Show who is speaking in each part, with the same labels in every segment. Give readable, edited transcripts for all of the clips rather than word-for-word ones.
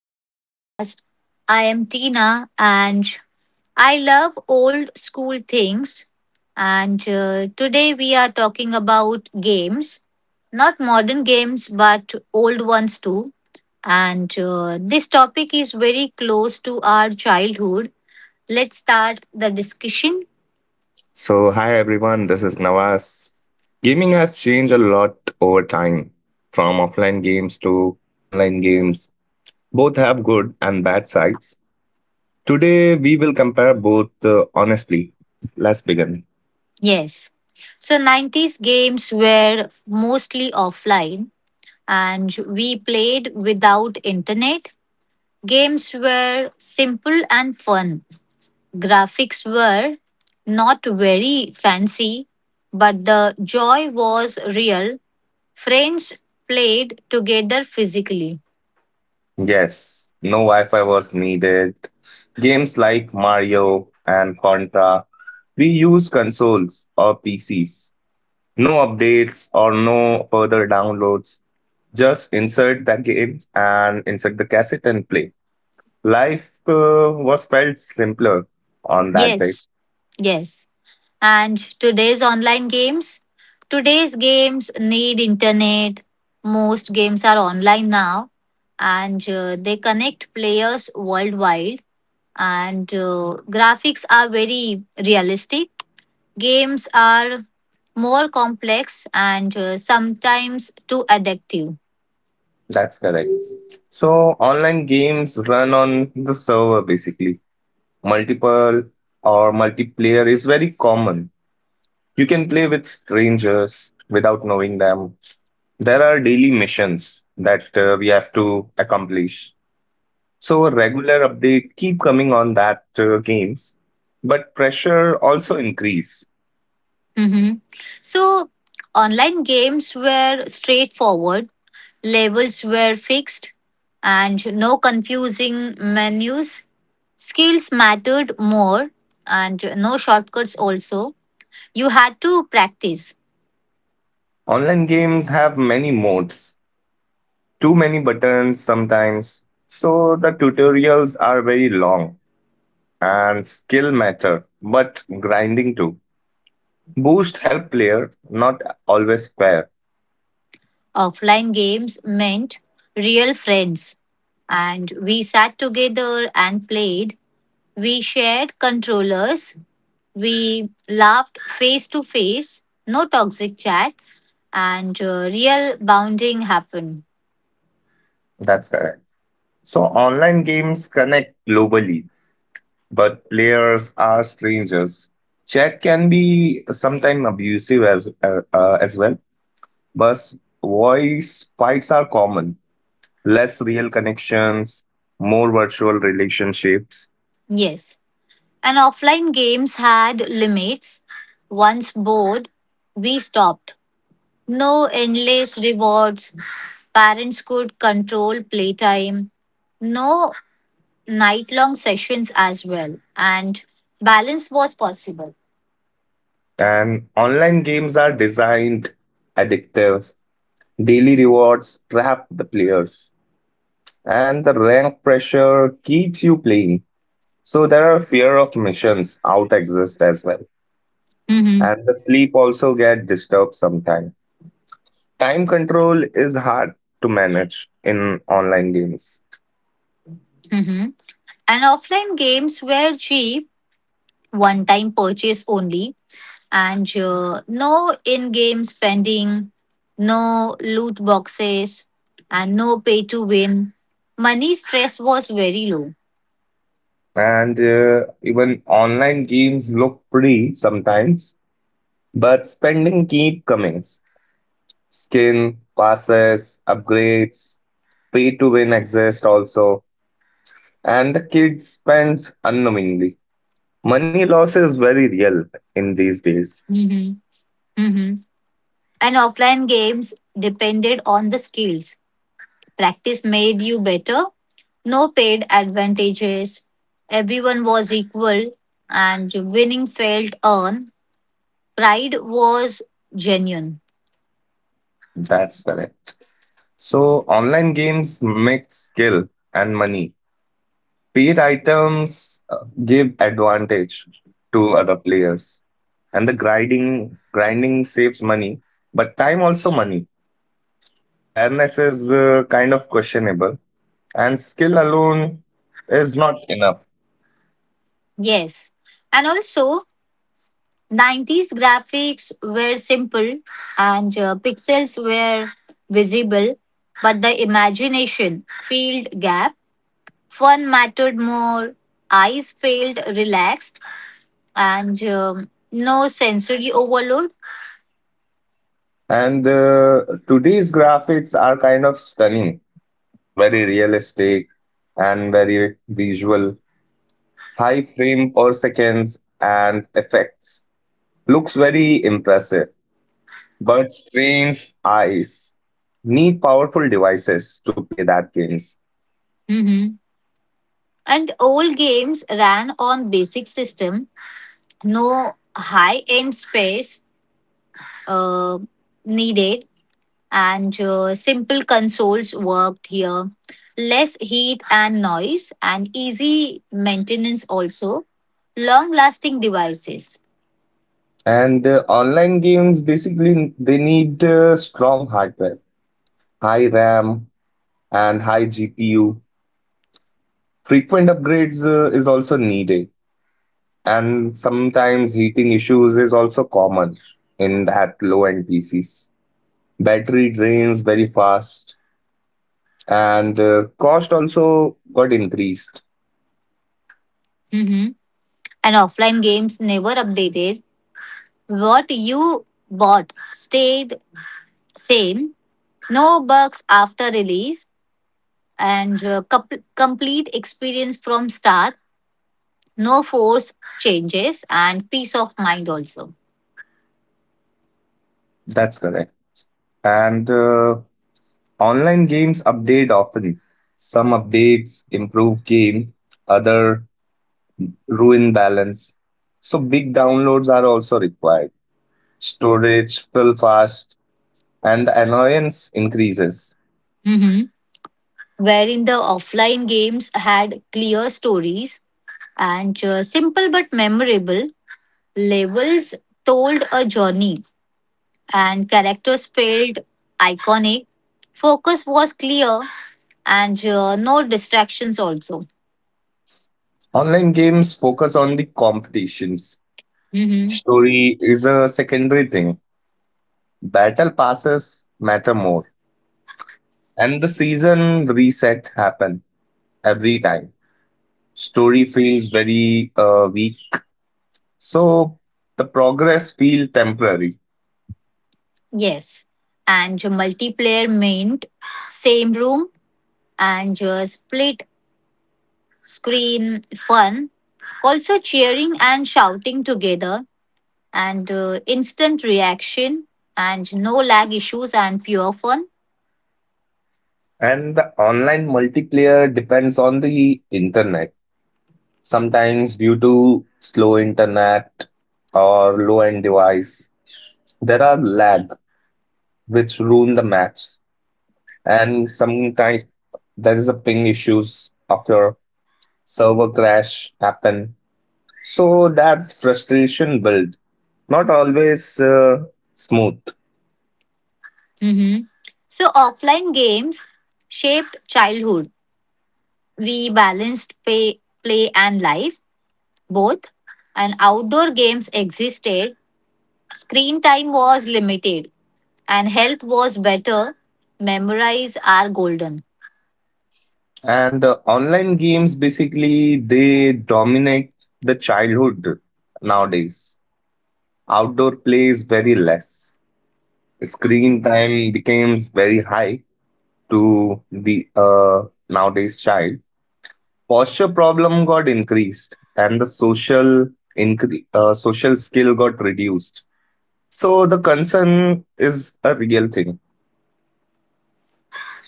Speaker 1: our podcast. I am Tina and I love old school things. And today we are talking about games, not modern games, but old ones too. And this topic is very close to our childhood. Let's start the discussion.
Speaker 2: So, hi everyone, this is Nawaz. Gaming has changed a lot over time, from offline games to online games. Both have good and bad sides. Today, we will compare both honestly. Let's begin.
Speaker 1: Yes. So, 90s games were mostly offline and we played without internet. Games were simple and fun. Graphics were not very fancy, but the joy was real. Friends played together physically.
Speaker 2: Yes, no Wi Fi was needed. Games like Mario and Contra, we use consoles or PCs. No updates or no further downloads. Just insert the game and insert the cassette and play. Life was felt simpler on that day.
Speaker 1: Yes, yes. And today's online games? Today's games need internet. Most games are online now and they connect players worldwide and graphics are very realistic. Games are more complex and sometimes too addictive.
Speaker 2: That's correct. So online games run on the server basically. Multiple or Multiplayer is very common. You can play with strangers without knowing them. There are daily missions that we have to accomplish. So a regular update keep coming on that games, but pressure also increase.
Speaker 1: Mhm. So, online games were straightforward, levels were fixed, and no confusing menus. Skills mattered more, and no shortcuts also. You had to practice.
Speaker 2: Online games have many modes, too many buttons sometimes. So the tutorials are very long and skill matter, but grinding too. Boost help player, not always fair.
Speaker 1: Offline games meant real friends and we sat together and played. We shared controllers. We laughed face to face, no toxic chat, and real bonding happened.
Speaker 2: That's correct. So online games connect globally, but players are strangers. Chat can be sometimes abusive as well. But voice fights are common. Less real connections, more virtual relationships.
Speaker 1: Yes. And offline games had limits. Once bored, we stopped. No endless rewards. Parents could control playtime. No night long sessions as well. And balance was possible.
Speaker 2: And online games are designed addictive. Daily rewards trap the players, and the rank pressure keeps you playing. So there are fear of missions out exist as well,
Speaker 1: Mm-hmm.
Speaker 2: and the sleep also get disturbed sometime. Time control is hard to manage in online games,
Speaker 1: Mm-hmm. And offline games were cheap, one time purchase only and no in-game spending, no loot boxes, and no pay to win. Money stress was very low.
Speaker 2: and even online games look pretty sometimes, but spending keep coming. Skin passes, upgrades, pay to win exists also, and the kid spends unknowingly. Money loss is very real in these days.
Speaker 1: Mhm. Mhm. And offline games depended on the skills. Practice made you better. No paid advantages. Everyone was equal, and winning felt earned. Pride was genuine.
Speaker 2: That's correct. So, online games mix skill and money. Paid items give advantage to other players, and the grinding saves money, but time also money. Fairness is kind of questionable, and skill alone is not enough.
Speaker 1: Yes. And also, 90s graphics were simple and pixels were visible, but the imagination filled gap. Fun mattered more, eyes felt relaxed, and no sensory overload.
Speaker 2: And today's graphics are kind of stunning, very realistic and very visual. High frame per seconds and effects. Looks very impressive, but strains eyes. Need powerful devices to play that games.
Speaker 1: Mhm. And old games ran on basic system, no high end space uh, needed and simple consoles worked here. Less heat and noise, and easy maintenance also. Long lasting devices.
Speaker 2: And online games basically they need strong hardware, high RAM and high GPU. Frequent upgrades is also needed. And sometimes heating issues is also common in that low-end PCs. Battery drains very fast, and cost also got increased.
Speaker 1: Mhm. And offline games never updated. What you bought stayed same. No bugs after release, and complete experience from start. No force changes, and peace of mind also.
Speaker 2: That's correct. And online games update often. Some updates improve game, other ruin balance. So big downloads are also required. Storage fill fast, and the annoyance increases.
Speaker 1: Mhm. Wherein the offline games had clear stories and simple but memorable labels told a journey and characters felt iconic. Focus was clear and no distractions also.
Speaker 2: Online games focus on the competitions.
Speaker 1: Hmm.
Speaker 2: Story is a secondary thing. Battle passes matter more. And the season reset happen every time. Story feels very weak. So the progress feel temporary.
Speaker 1: Yes, and multiplayer meant same room and split screen fun, also cheering and shouting together and instant reaction and no lag issues and pure fun.
Speaker 2: And the online multiplayer depends on the internet. Sometimes due to slow internet or low end device, there are lag which ruin the match. And sometimes there is a ping issues occur, server crash happen. So that frustration build, not always smooth.
Speaker 1: Hmm. So offline games shaped childhood. We balanced pay, play and life both, and outdoor games existed. Screen time was limited, and health was better. Memories are golden.
Speaker 2: And online games basically they dominate the childhood nowadays. Outdoor play is very less. Screen time becomes very high to the nowadays child. Posture problem got increased, and the social social skill got reduced. So the concern is a real thing.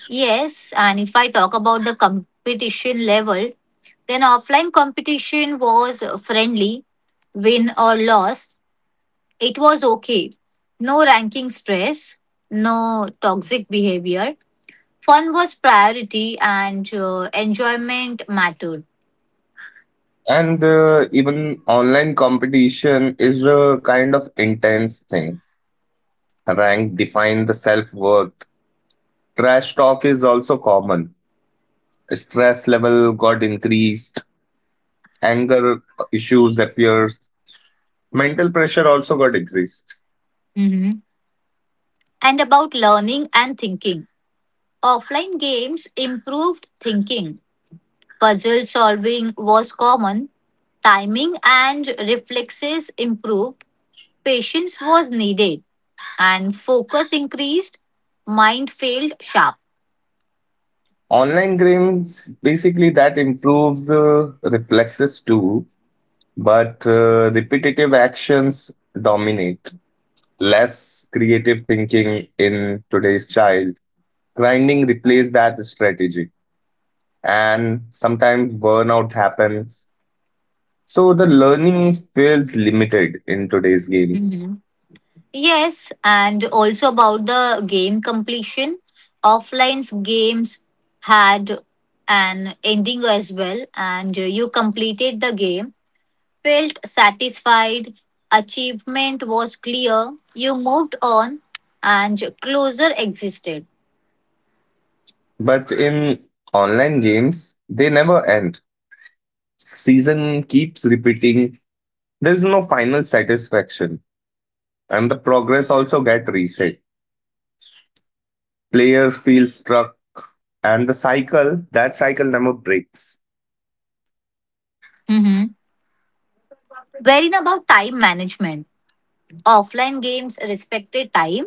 Speaker 1: Yes, and if I talk about the competition level, then offline competition was friendly, win or loss. It was okay. No ranking stress, no toxic behavior. Fun was priority and enjoyment mattered.
Speaker 2: And even online competition is a kind of intense thing. Rank define the self-worth. Trash talk is also common. Stress level got increased. Anger issues appears. Mental pressure also got exists.
Speaker 1: Mm-hmm. And about learning and thinking. Offline games improved thinking. Puzzle solving was common. Timing and reflexes improved. Patience was needed. And focus increased. Mind failed sharp.
Speaker 2: Online games basically that improves reflexes too, but repetitive actions dominate. Less creative thinking in today's child, grinding replaced that strategy, and sometimes burnout happens, so the learning feels limited in today's games.
Speaker 1: Yes, and also about the game completion. Offline's games had an ending as well, and you completed the game, felt satisfied, achievement was clear, you moved on, and closure existed.
Speaker 2: But in online games they never end. Season keeps repeating. There's no final satisfaction, and the progress also get reset. Players feel stuck, and the cycle never breaks.
Speaker 1: Mhm. Wherein about time management, offline games respected time,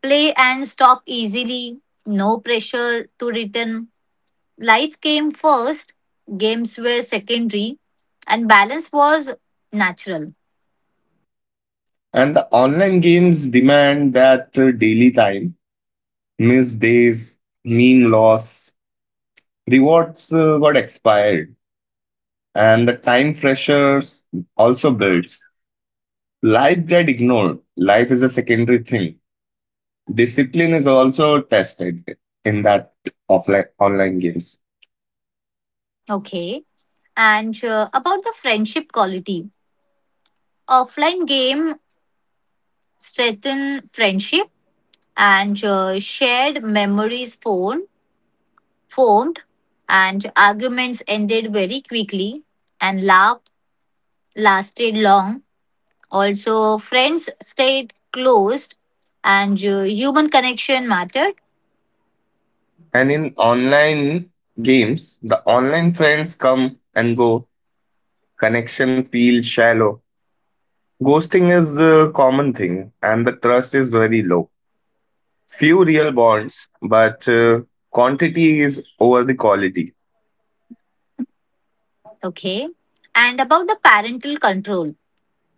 Speaker 1: play and stop easily, no pressure to return. Life came first, games were secondary, and balance was natural.
Speaker 2: And the online games demand that daily time, missed days mean loss, rewards got expired, and the time pressures also builds. Life get ignored, life is a secondary thing. Discipline is also tested in that offline online games.
Speaker 1: Okay. And about the friendship quality, offline game strengthen friendship and shared memories formed and arguments ended very quickly and laugh lasted long. Also, friends stayed close and human connection mattered.
Speaker 2: And in online games the online friends come and go, connection feels shallow, ghosting is a common thing and the trust is very low. Few real bonds, but quantity is over the quality.
Speaker 1: Okay. And about the parental control,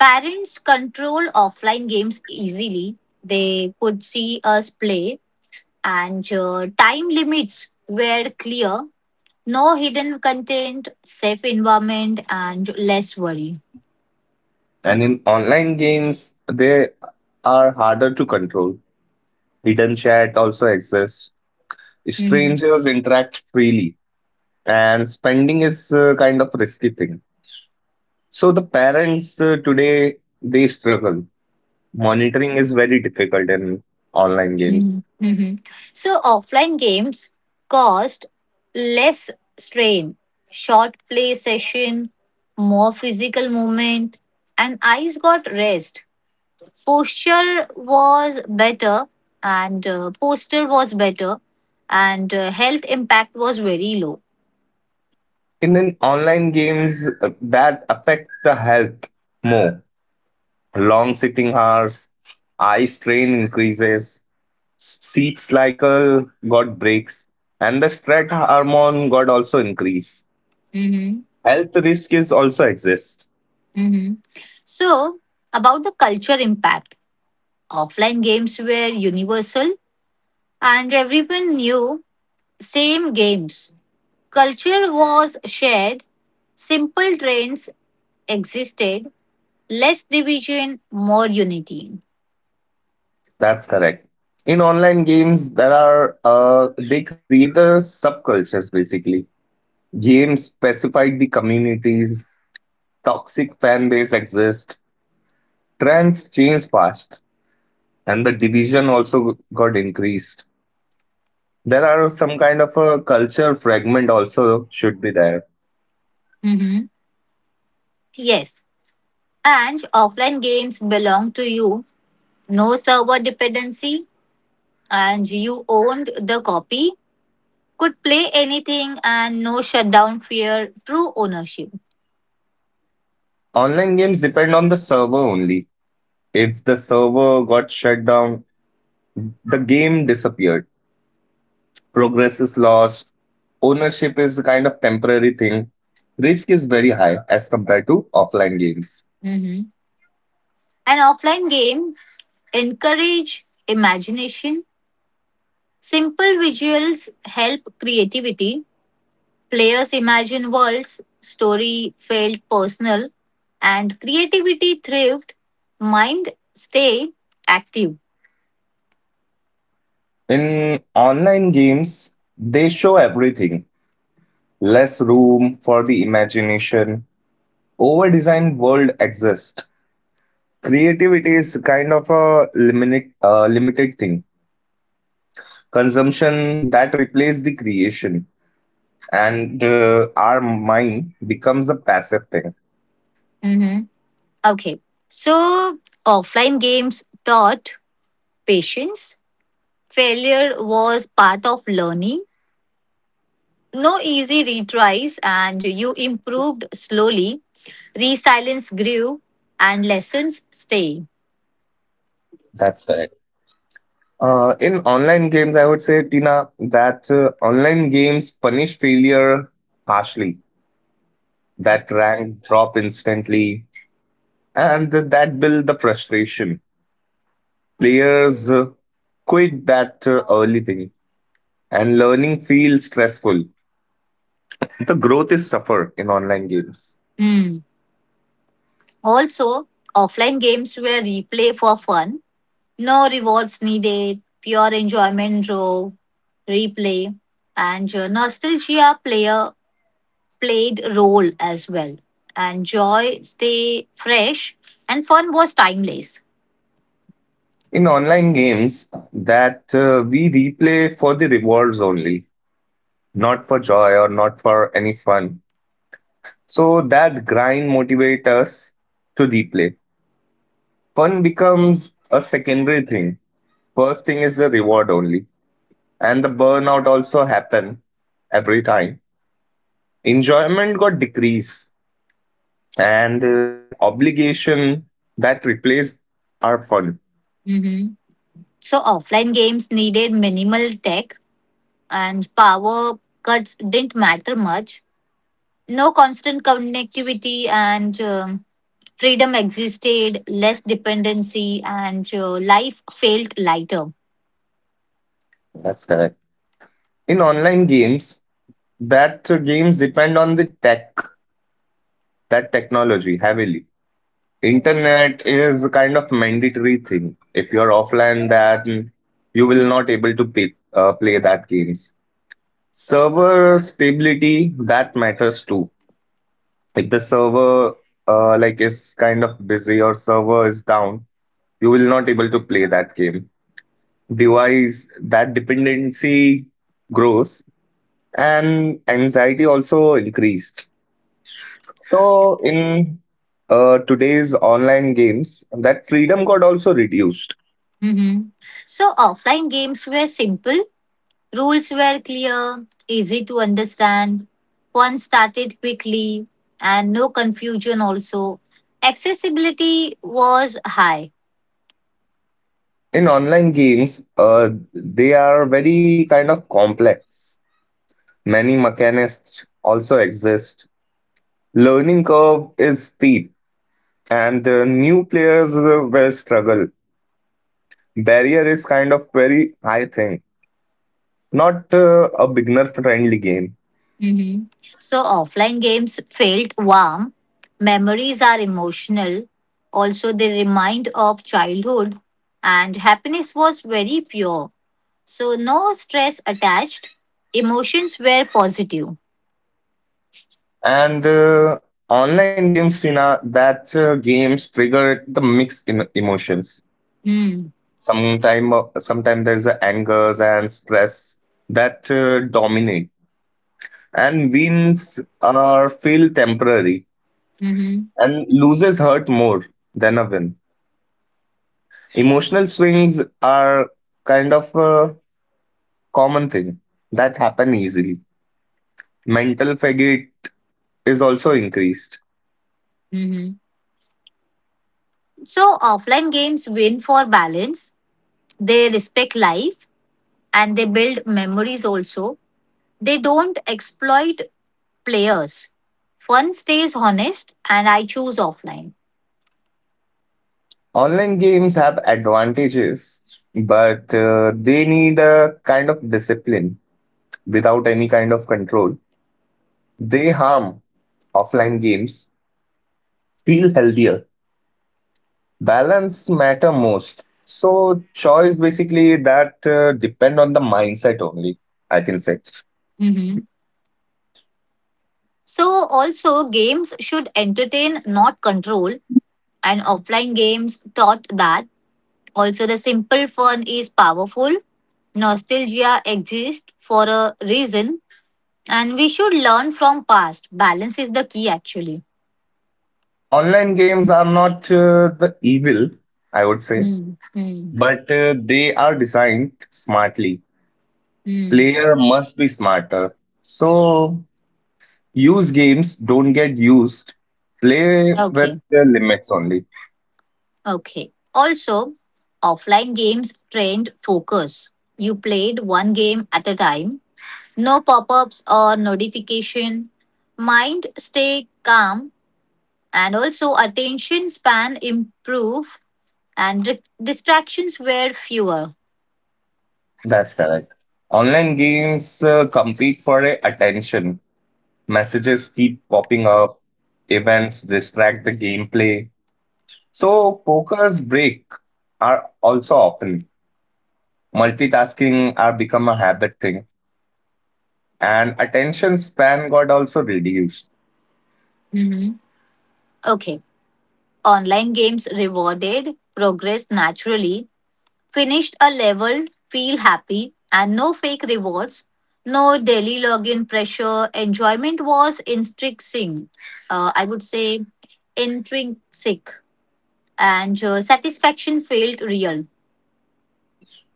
Speaker 1: parents control offline games easily. They could see us play, and time limits were clear. No hidden content, safe environment, and less worry.
Speaker 2: And in online games, they are harder to control. Hidden chat also exists.
Speaker 1: Mhm,
Speaker 2: Strangers interact freely, and spending is a kind of risky thing. So the parents today they struggle. Monitoring is very difficult in online
Speaker 1: mhm,
Speaker 2: games.
Speaker 1: mhm. So, offline games caused less strain, short play session, more physical movement, and eyes got rest. Posture was better and posture was better and health impact was very low.
Speaker 2: In an online games that affect the health more. Long sitting hours, eye strain increases, sleep cycle got breaks, and the stress hormone got also increase.
Speaker 1: Hmm.
Speaker 2: Health risk is also exist.
Speaker 1: Hmm. So about the culture impact, offline games were universal and everyone knew same games. Culture was shared, simple trends existed, less division, more unity.
Speaker 2: That's correct. In online games, there are they create the subcultures basically. Games specified the communities, toxic fan base exist, trends change fast, and the division also got increased. There are some kind of a culture fragment also should be there.
Speaker 1: Hmm. Yes, and offline games belong to you, no server dependency, and you owned the copy, could play anything, and no shutdown fear through ownership.
Speaker 2: Online games depend on the server only. If the server got shut down, the game disappeared. Progress is lost. Ownership is a kind of temporary thing. Risk is very high as compared to offline games.
Speaker 1: Mhm. An offline game encourage imagination. Simple visuals help creativity. Players imagine worlds, story felt personal, and creativity thrived. Mind stay active.
Speaker 2: In online games, they show everything. Less room for the imagination. Over-designed world exists. Creativity is kind of a limited thing. Consumption that replaced the creation, and our mind becomes a passive thing.
Speaker 1: Mhm. Okay, so offline games taught patience. Failure was part of learning. No easy retries, and you improved slowly. Resilience grew, and lessons stay.
Speaker 2: That's correct. In online games I would say, Tina, that online games punish failure harshly. That rank drop instantly, and that build the frustration. Players quit that early thing, and learning feels stressful. The growth is suffer in online games.
Speaker 1: Hmm. Also, offline games were replay for fun. No rewards needed. Pure enjoyment drove replay, and nostalgia player played role as well. And joy stay fresh, and fun was timeless.
Speaker 2: In online games, that we replay for the rewards only, not for joy or not for any fun. So that grind motivates us to replay. Fun becomes a secondary thing. First thing is the reward only, and the burnout also happen every time. Enjoyment got decrease, and that obligation that replaced our fun.
Speaker 1: Mhm. So offline games needed minimal tech and power cuts didn't matter much. No constant connectivity and freedom existed, less dependency, and life felt lighter.
Speaker 2: That's correct. In online games, that games depend on the technology heavily. Internet is a kind of mandatory thing. If you're offline, then you will not able to play that games. Server stability that matters too. If the server like is kind of busy or server is down, you will not able to play that game. Device that dependency grows, and anxiety also increased. So in today's online games, that freedom got also reduced.
Speaker 1: Mhm. So offline games were simple, rules were clear, easy to understand, one started quickly, and no confusion also. Accessibility was high.
Speaker 2: In online games, they are very kind of complex. Many mechanics also exist. Learning curve is steep, and new players will struggle. Barrier is kind of very high thing. Not a beginner friendly game.
Speaker 1: Hmm. So offline games felt warm. Memories are emotional. Also, they remind of childhood, and happiness was very pure. So no stress attached. Emotions were positive.
Speaker 2: And online games, Srina, that games trigger the mixed emotions
Speaker 1: Mm.
Speaker 2: sometime there's a angers and stress that dominate, and wins are feel temporary,
Speaker 1: Hmm.
Speaker 2: and loses hurt more than a win. Emotional swings are kind of a common thing that happen easily. Mental fatigue is also increased.
Speaker 1: Hmm. So offline games win for balance. They respect life and they build memories also. They don't exploit players. Fun stays honest, and I choose offline.
Speaker 2: Online games have advantages, but they need a kind of discipline. Without any kind of control, they harm. Offline games feel healthier. Balance matter most. So choice basically that depend on the mindset only, I can say.
Speaker 1: So, also, games should entertain, not control. And offline games taught that. Also, the simple fun is powerful. Nostalgia exists for a reason. And we should learn from past. Balance is the key, actually.
Speaker 2: Online games are not the evil, I would say,
Speaker 1: Hmm. Hmm.
Speaker 2: but they are designed smartly.
Speaker 1: Hmm.
Speaker 2: Player must be smarter. So use games, don't get used. Play with
Speaker 1: Okay.
Speaker 2: the limits only.
Speaker 1: Okay. Also, offline games trained focus. You played one game at a time. No pop ups or notification. Mind stay calm and also attention span improve and distractions were fewer.
Speaker 2: That's correct. Online games compete for attention. Messages keep popping up, events distract the gameplay. So, poker's break are also often. Multitasking are become a habit thing, and attention span got also reduced
Speaker 1: Mhm. Okay, online games rewarded progress naturally, finished a level, feel happy, and no fake rewards, no daily login pressure, enjoyment was intrinsic, I would say intrinsic, and satisfaction felt real.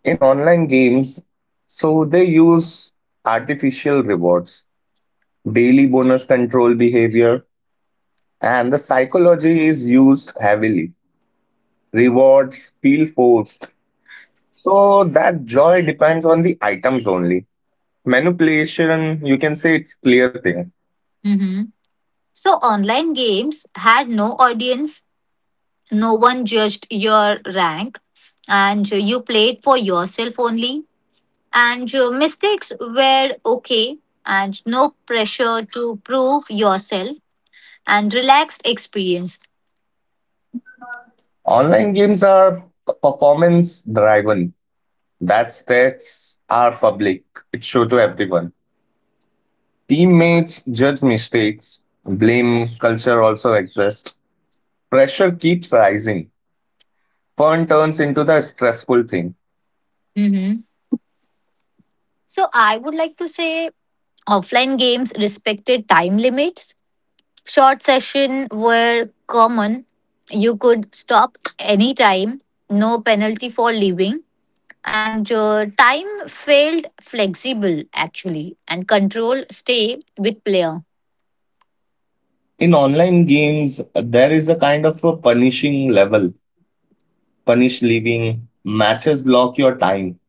Speaker 2: in online games. So, they use artificial rewards, daily bonus control behavior, and the psychology is used heavily. Rewards feel forced, so that joy depends on the items only. Manipulation, you can say, it's clear thing.
Speaker 1: Mhm. So online games had no audience. No one judged your rank, and you played for yourself only. And your mistakes were okay, and no pressure to prove yourself, and relaxed experience.
Speaker 2: Online games are performance driven. That stats are public. It's show to everyone. Teammates judge mistakes. Blame culture also exists. Pressure keeps rising. Fun turns into the stressful thing.
Speaker 1: Mhm. So, I would like to say offline games respected time limits, short sessions were common. You could stop anytime, no penalty for leaving and time felt flexible actually and control stay with player.
Speaker 2: In online games, there is a kind of a punishing level. Punish leaving, matches lock your time.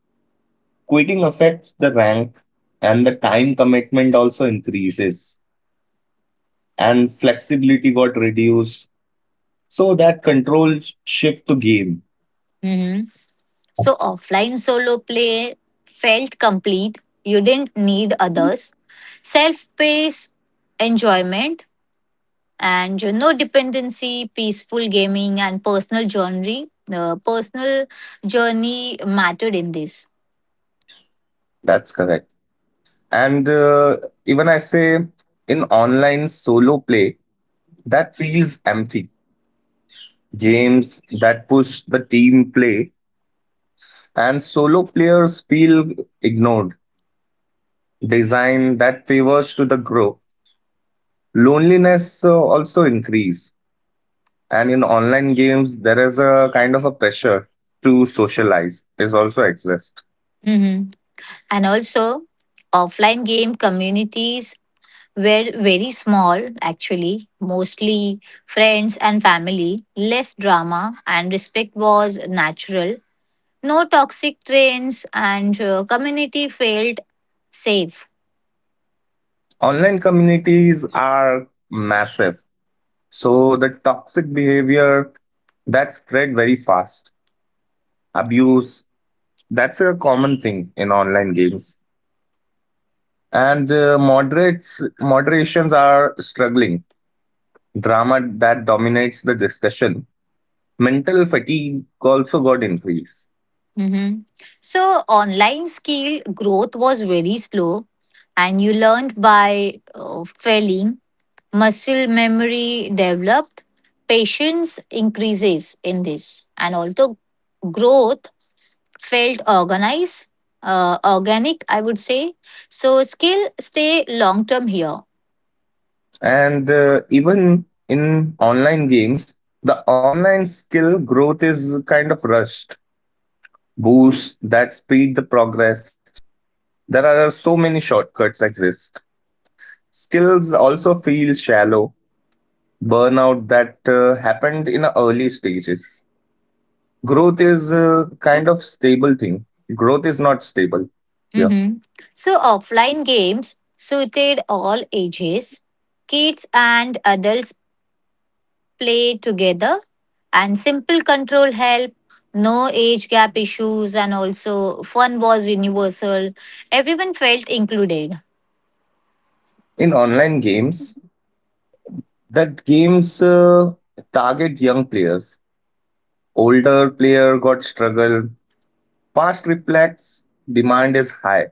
Speaker 2: Quitting affects the rank and the time commitment also increases and flexibility got reduced. So that control shift to game.
Speaker 1: Mhm. So offline solo play felt complete, you didn't need others, self paced enjoyment, and no dependency, peaceful gaming and personal journey mattered in this.
Speaker 2: That's correct. And even I say, in online solo play, that feels empty. Games that push the team play, and solo players feel ignored. Design that favors to the group. Loneliness also increase. And in online games, there is a kind of a pressure to socialize is also exist.
Speaker 1: Mhm. And also, offline game communities were very small, actually, mostly friends and family, less drama, and respect was natural. No toxic trains, and community felt safe.
Speaker 2: Online communities are massive, so the toxic behavior that spread very fast. Abuse, that's a common thing in online games. And moderates moderations are struggling. Drama that dominates the discussion. Mental fatigue also got increased.
Speaker 1: Mhm. So, online skill growth was very slow, and you learned by failing. Muscle memory developed, patience increases in this, and also growth felt organized, organic, I would say. So skill stay long term here.
Speaker 2: And even in online games, the online skill growth is kind of rushed. Boost that speed the progress. There are so many shortcuts exist. Skills also feel shallow. Burnout that happened in early stages. Growth is kind of stable thing. Growth is not stable. Yeah.
Speaker 1: Mhm. So offline games suited all ages. Kids and adults play together and simple control help. No age gap issues and also fun was universal. Everyone felt included.
Speaker 2: In online games, that games target young players. Older player got struggled. Past reflects, demand is high.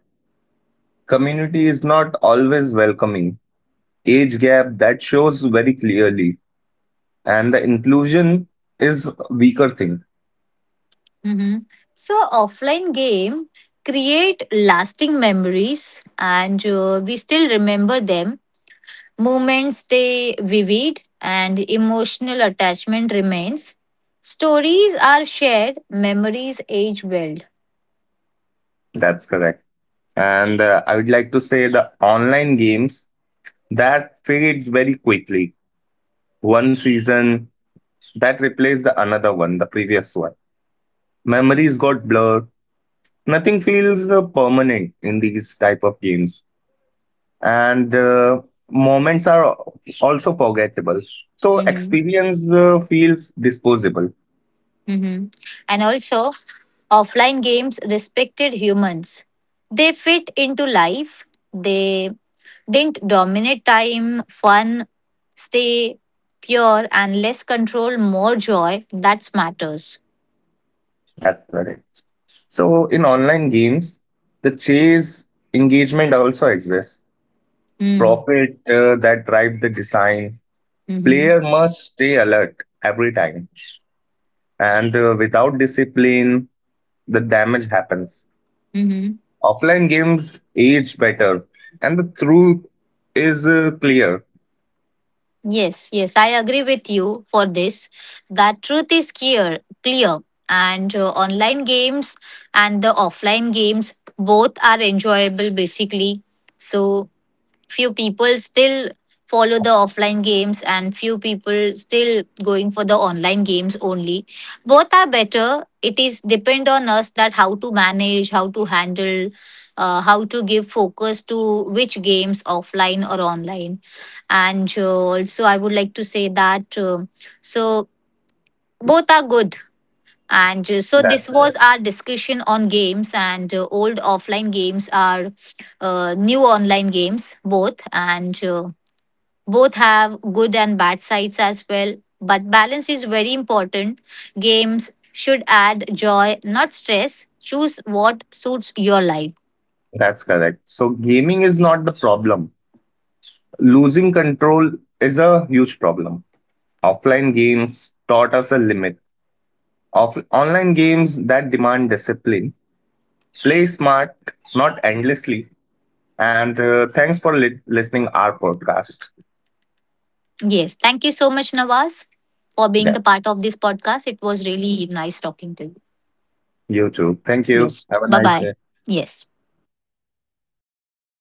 Speaker 2: Community is not always welcoming. Age gap that shows very clearly, and the inclusion is weaker thing.
Speaker 1: Mhm. So offline game create lasting memories and we still remember them. Moments stay vivid and emotional attachment remains. Stories are shared, memories age well.
Speaker 2: That's correct. And I would like to say the online games that fades very quickly. One season that replaced the another one, the previous one. Memories got blurred. Nothing feels permanent in these type of games, and moments are also forgettable. So
Speaker 1: Hmm.
Speaker 2: experience feels disposable.
Speaker 1: Hmm. And also, offline games respected humans. They fit into life, they didn't dominate time, fun, stay pure, and less control, more joy. That's matters.
Speaker 2: That's correct. So in online games, the chase engagement also exists.
Speaker 1: Mm-hmm.
Speaker 2: Profit that drive the design. Player must stay alert every time, and without discipline, the damage happens.
Speaker 1: Mm-hmm.
Speaker 2: Offline games age better, and the truth is clear.
Speaker 1: Yes, yes, I agree with you for this. That truth is clear, clear, and online games and the offline games both are enjoyable basically. So few people still follow the offline games and few people still going for the online games only. Both are better, it is depend on us that how to manage, how to handle, how to give focus to which games, offline or online. And also I would like to say that So both are good and so this
Speaker 2: That
Speaker 1: was our discussion on games and old offline games are new online games both and both have good and bad sides as well, but balance is very important. Games should add joy, not stress. Choose what suits your life.
Speaker 2: that's correct. So gaming is not the problem. Losing control is a huge problem. Offline games taught us a limit. Online games that demand discipline. Play smart, not endlessly. And thanks for listening our podcast.
Speaker 1: Yes, thank you so much, Nawaz, for being
Speaker 2: Yeah,
Speaker 1: the part of this podcast. It was really nice talking to you.
Speaker 2: you too. Thank you.
Speaker 1: Yes,
Speaker 2: Have a
Speaker 1: bye
Speaker 2: nice
Speaker 1: bye.
Speaker 2: day.
Speaker 1: Yes.